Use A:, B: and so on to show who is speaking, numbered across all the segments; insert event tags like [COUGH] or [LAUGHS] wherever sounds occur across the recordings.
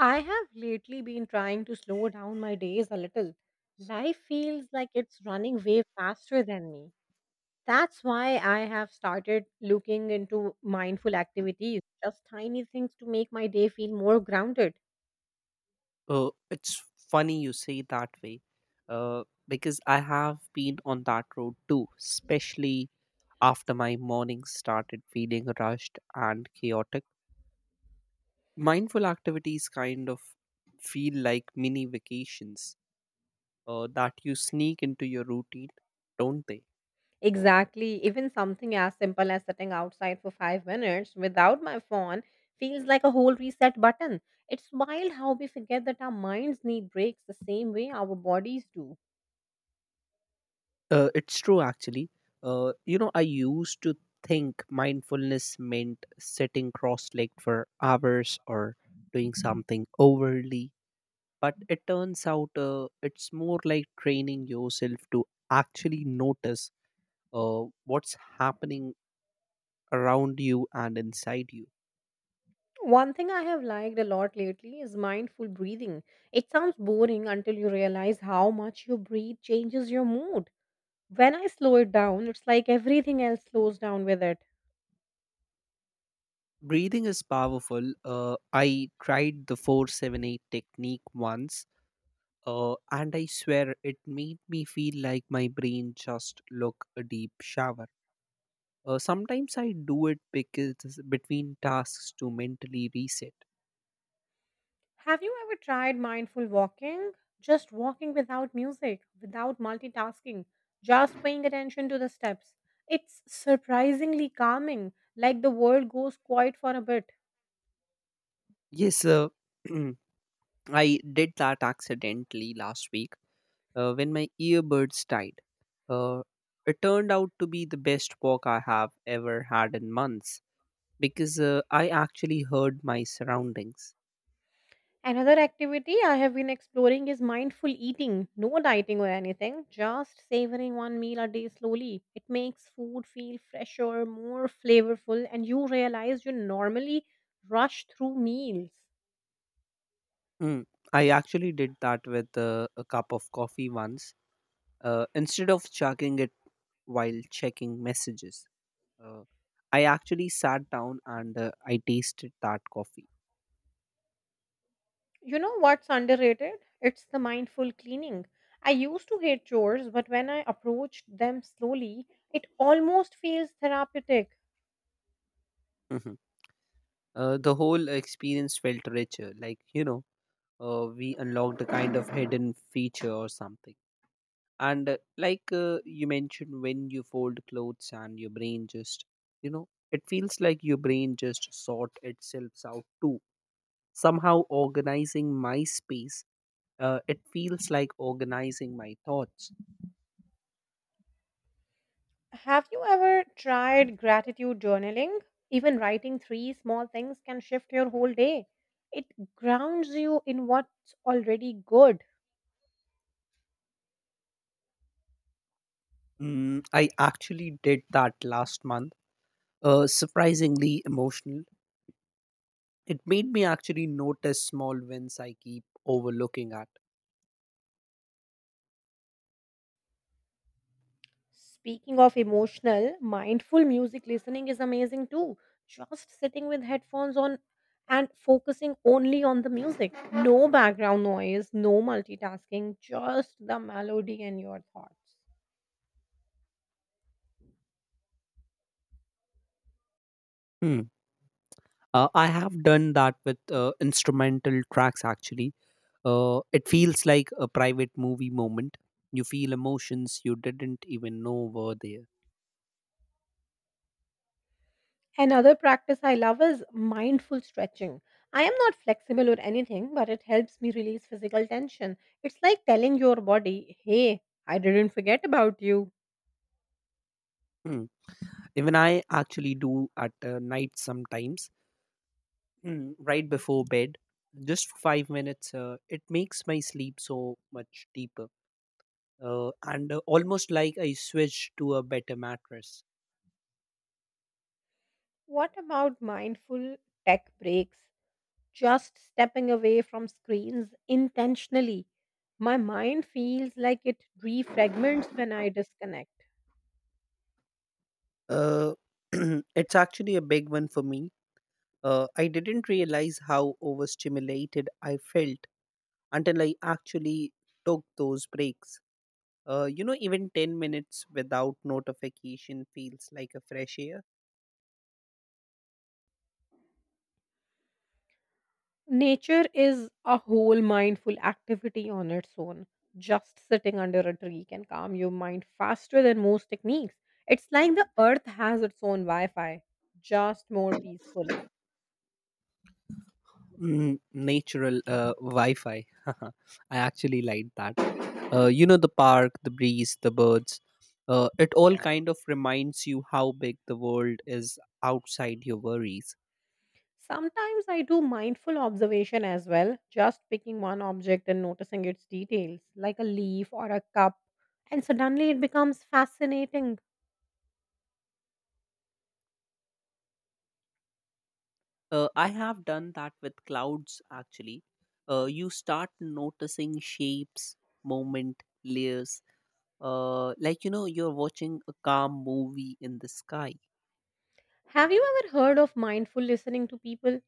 A: I have lately been trying to slow down my days a little. Life feels like it's running way faster than me. That's why I have started looking into mindful activities, just tiny things to make my day feel more grounded.
B: It's funny you say that way, because I have been on that road too, especially after my mornings started feeling rushed and chaotic. Mindful activities kind of feel like mini vacations that you sneak into your routine, don't they?
A: Exactly, even something as simple as sitting outside for 5 minutes without my phone feels like a whole reset button. It's wild how we forget that our minds need breaks the same way our bodies do.
B: It's true, actually. You know, I used to think mindfulness meant sitting cross legged for hours or doing something overly but it turns out it's more like training yourself to actually notice what's happening around you and inside you
A: One thing I have liked a lot lately is mindful breathing. It sounds boring until you realize how much you breathe changes your mood. When I slow it down, it's like everything else slows down with it.
B: breathing is powerful. I tried the 478 technique once, and I swear it made me feel like my brain just look a deep shower. Sometimes I do it because between tasks to mentally reset.
A: Have you ever tried mindful walking? Just walking without music, without multitasking, just paying attention to the steps. It's surprisingly calming, like the world goes quiet for a bit.
B: Yes, [CLEARS THROAT] I did that accidentally last week when my earbuds died. Uh, it turned out to be the best walk I have ever had in months because I actually heard my surroundings.
A: Another activity I have been exploring is mindful eating, no dieting or anything, just savoring one meal a day slowly. It makes food feel fresher, more flavorful, and you realize you normally rush through meals.
B: Mm, I actually did that with a cup of coffee once instead of chugging it while checking messages. Uh, I actually sat down and I tasted that coffee.
A: You know what's underrated? It's the mindful cleaning. I used to hate chores, but when I approached them slowly, it almost feels therapeutic.
B: Mhm. The whole experience felt richer, like we unlocked a kind of hidden feature or something. And you mentioned, when you fold clothes and your brain just, you know, it feels like your brain just sort itself out too. Somehow organizing my space, it feels like organizing my thoughts.
A: Have you ever tried gratitude journaling? Even writing three small things can shift your whole day. It grounds you in what's already good.
B: Mm, I actually did that last month. Surprisingly emotional. It made me actually notice small wins I keep overlooking at.
A: Speaking of emotional, mindful music listening is amazing too. Just sitting with headphones on and focusing only on the music. No background noise, no multitasking, just the melody and your thoughts.
B: Hmm. I have done that with instrumental tracks actually. It feels like a private movie moment. You feel emotions you didn't even know were there.
A: Another practice I love is mindful stretching. I am not flexible or anything, but it helps me release physical tension. It's like telling your body, hey, I didn't forget about you.
B: Hmm. Even I actually do at night sometimes, right before bed, just for 5 minutes. It makes my sleep so much deeper, and almost like I switch to a better mattress.
A: What about mindful tech breaks? Just stepping away from screens intentionally. My mind feels like it refragments when I disconnect.
B: Uh, [CLEARS THROAT] it's actually a big one for me. I didn't realize how overstimulated I felt until I actually took those breaks. You know, even 10 minutes without notification feels like a fresh air.
A: Nature is a whole mindful activity on its own. Just sitting under a tree can calm your mind faster than most techniques. It's like the earth has its own Wi Fi, just more peaceful.
B: Mm, natural Wi-Fi. [LAUGHS] I actually like that. You know, the park, the breeze, the birds. It all kind of reminds you how big the world is outside your worries.
A: Sometimes I do mindful observation as well, just picking one object and noticing its details, like a leaf or a cup, and suddenly it becomes fascinating.
B: I have done that with clouds actually. You start noticing shapes, movement, layers. You know, you're watching a calm movie in the sky.
A: Have you ever heard of mindful listening to people,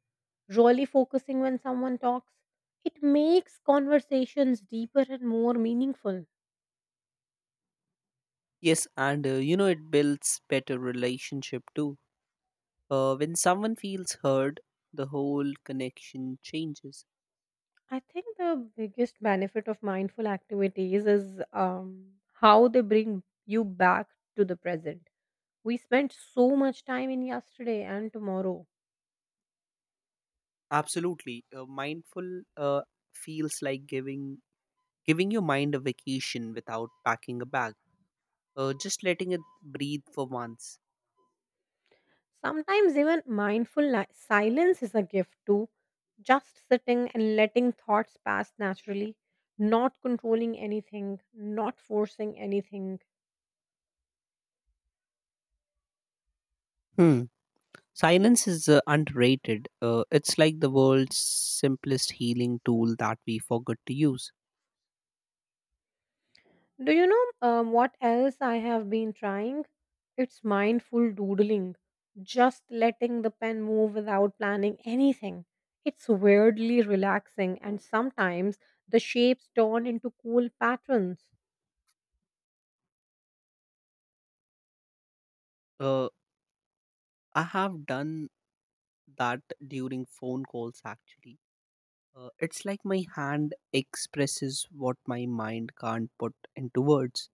A: really focusing when someone talks? It makes conversations deeper and more meaningful.
B: Yes, and you know, it builds better relationship too. When someone feels heard, the whole connection changes.
A: I think the biggest benefit of mindful activities is how they bring you back to the present. We spent so much time in yesterday and tomorrow.
B: Absolutely, mindful feels like giving your mind a vacation without packing a bag. Just letting it breathe for once.
A: Sometimes even silence is a gift too. Just sitting and letting thoughts pass naturally, not controlling anything, not forcing anything.
B: Hmm. Silence is underrated. It's like the world's simplest healing tool that we forgot to use.
A: Do you know what else I have been trying? It's mindful doodling, just letting the pen move without planning anything. It's weirdly relaxing, and sometimes the shapes turn into cool patterns.
B: Uh, I have done that during phone calls actually. It's like my hand expresses what my mind can't put into words.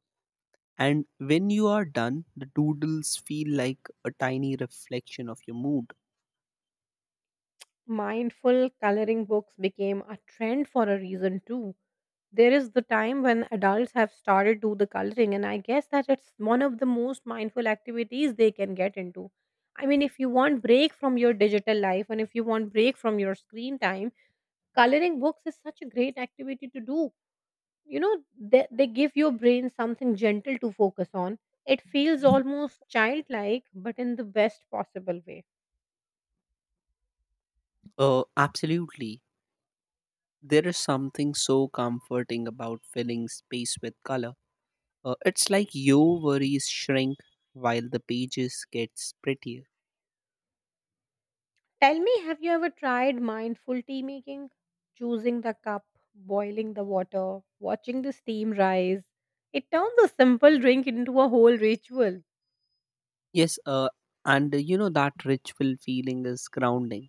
B: And when you are done, the doodles feel like a tiny reflection of your mood.
A: Mindful coloring books became a trend for a reason too. There is the time when adults have started do the coloring and I guess that it's one of the most mindful activities they can get into. I mean if you want break from your digital life and if you want break from your screen time, coloring books is such a great activity to do. You know, they give your brain something gentle to focus on. It feels almost childlike but in the best possible way.
B: Absolutely. There is something so comforting about filling space with color. It's like your worries shrink while the pages gets prettier.
A: Tell me, have you ever tried mindful tea making? Choosing the cup, boiling the water, watching the steam rise. It turns a simple drink into a whole ritual.
B: Yes, and you know, that ritual feeling is grounding.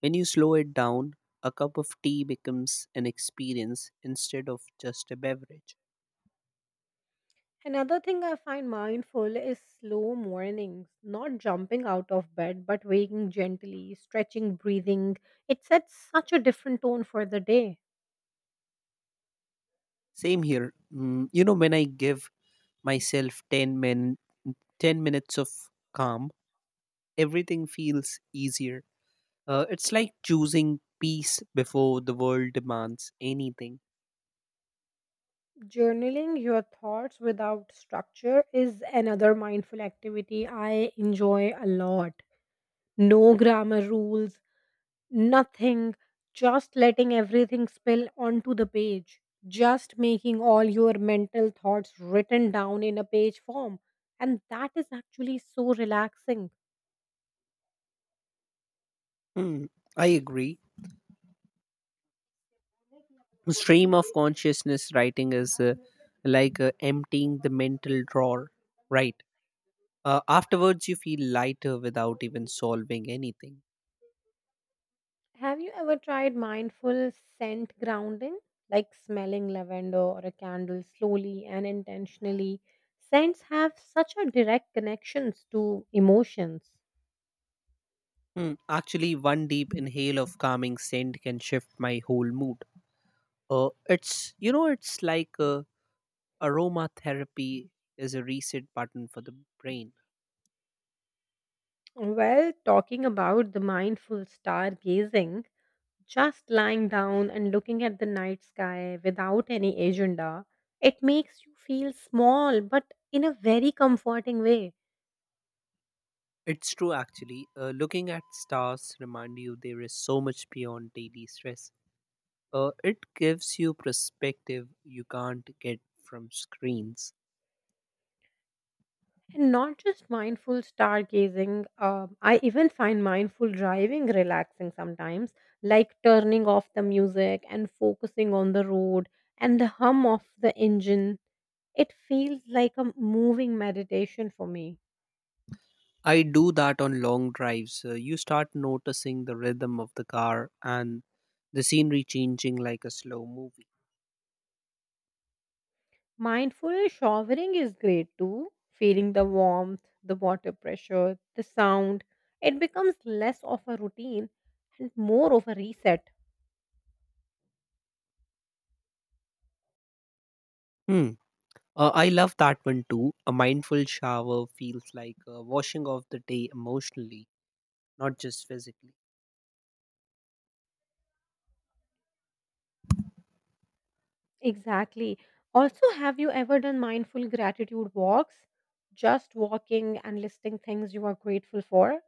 B: When you slow it down, a cup of tea becomes an experience instead of just a beverage.
A: Another thing I find mindful is slow mornings, not jumping out of bed, but waking gently, stretching, breathing. It sets such a different tone for the day.
B: Same here. Mm, you know, when I give myself 10 minutes of calm, everything feels easier. It's like choosing peace before the world demands anything.
A: Journaling your thoughts without structure is another mindful activity I enjoy a lot. No grammar rules, nothing, just letting everything spill onto the page, just making all your mental thoughts written down in a page form. And that is actually so relaxing.
B: Hmm, I agree. Stream of consciousness writing is emptying the mental drawer, right? Afterwards, you feel lighter without even solving anything.
A: Have you ever tried mindful scent grounding, like smelling lavender or a candle slowly and intentionally? Scents have such a direct connections to emotions.
B: Hmm. Actually, one deep inhale of calming scent can shift my whole mood. It's you know, it's like aromatherapy is a reset button for the brain.
A: Well, talking about the mindful stargazing, just lying down and looking at the night sky without any agenda, it makes you feel small but in a very comforting way.
B: It's true, actually. Looking at stars remind you there is so much beyond daily stress. It gives you perspective you can't get from screens.
A: And not just mindful stargazing, I even find mindful driving relaxing sometimes, like turning off the music and focusing on the road and the hum of the engine. It feels like a moving meditation for me.
B: I do that on long drives. You start noticing the rhythm of the car and the scenery changing like a slow movie.
A: Mindful showering is great too. Feeling the warmth, the water pressure, the sound. It becomes less of a routine and more of a reset.
B: Hmm. I love that one too. A mindful shower feels like washing off the day emotionally, not just physically.
A: Exactly. Also, have you ever done mindful gratitude walks? Just walking and listing things you are grateful for?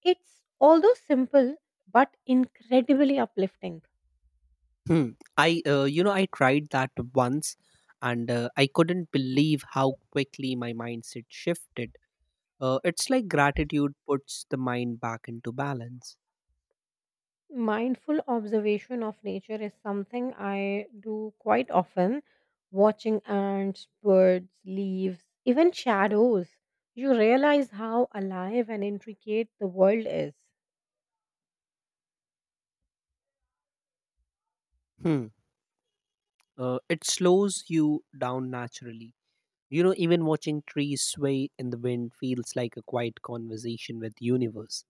A: It's although simple but incredibly uplifting.
B: Hmm. You know, I tried that once and I couldn't believe how quickly my mindset shifted. It's like gratitude puts the mind back into balance.
A: Mindful observation of nature is something I do quite often, watching ants, birds, leaves, even shadows. You realize how alive and intricate the world is.
B: Hmm. It slows you down naturally. You know, even watching trees sway in the wind feels like a quiet conversation with universe.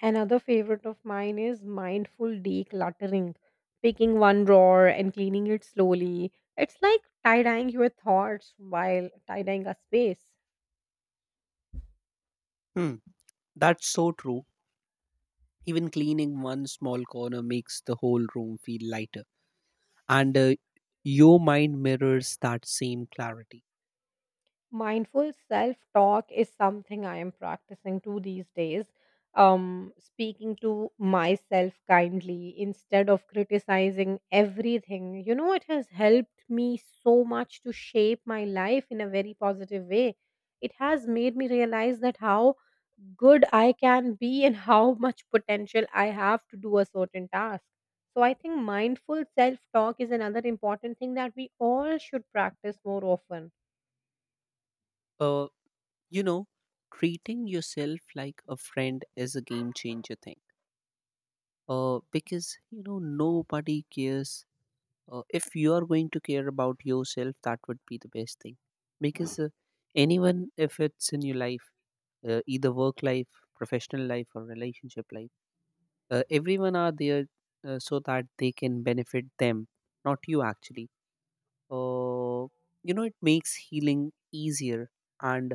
A: Another favorite of mine is mindful decluttering, picking one drawer and cleaning it slowly. It's like tie dyeing your thoughts while tie dyeing a space.
B: Hmm. That's so true. Even cleaning one small corner makes the whole room feel lighter. And your mind mirrors that same clarity.
A: Mindful self talk is something I am practicing too these days. Speaking to myself kindly instead of criticizing everything. You know, it has helped me so much to shape my life in a very positive way. It has made me realize that how good I can be [LAUGHS] and how much potential I have to do a certain task. So, I think mindful self talk is another important thing that we all should practice more often.
B: Uh, You know, treating yourself like a friend is a game changer thing. Because you know nobody cares. If you are going to care about yourself, that would be the best thing. Because anyone, if it's in your life, either work life, professional life, or relationship life, everyone are there so that they can benefit them, not you actually. uh, you know, it makes healing easier and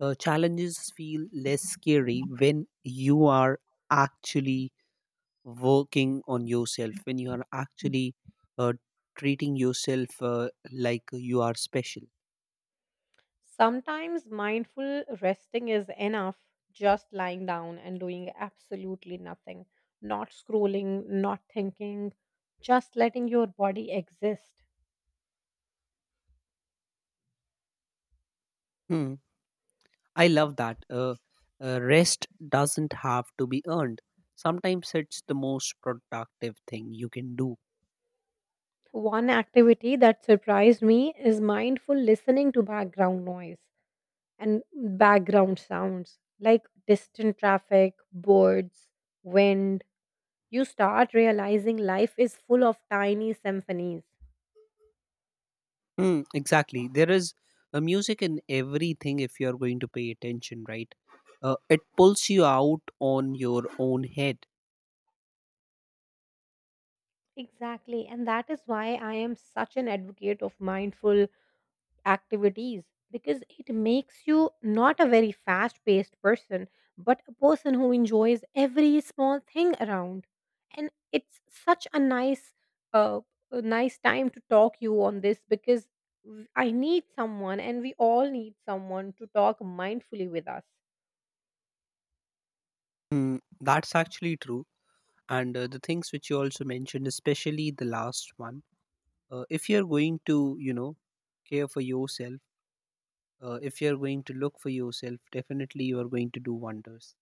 B: challenges feel less scary when you are actually working on yourself, when you are actually uh, treating yourself like you are special.
A: Sometimes mindful resting is enough, just lying down and doing absolutely nothing, not scrolling, not thinking, just letting your body exist.
B: Hmm, I love that. Rest doesn't have to be earned, sometimes it's the most productive thing you can do.
A: One activity that surprised me is mindful listening to background noise and background sounds like distant traffic, birds, wind. You start realizing life is full of tiny symphonies.
B: Mm, exactly. There is a music in everything if you're going to pay attention, right? It pulls you out on your own head.
A: Exactly. And that is why I am such an advocate of mindful activities because it makes you not a very fast paced person, but a person who enjoys every small thing around. And it's such uh, a nice time to talk you on this because I need someone and we all need someone to talk mindfully with us.
B: Mm, that's actually true. And the things which you also mentioned, especially the last one, if you're going to, you know, care for yourself, if you're going to look for yourself, definitely you are going to do wonders.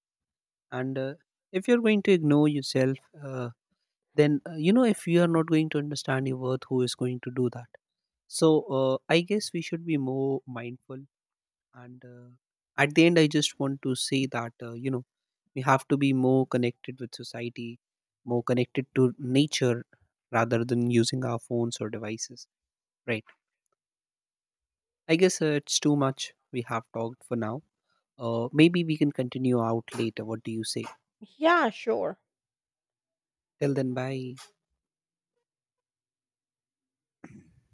B: And if you're going to ignore yourself, uh, then you know, if you are not going to understand your worth, who is going to do that? So I guess we should be more mindful, and at the end I just want to say that you know, we have to be more connected with society, more connected to nature rather than using our phones or devices, right? I guess it's too much we have talked for now. Maybe we can continue out later, what do you say?
A: Yeah, sure.
B: Till then, bye.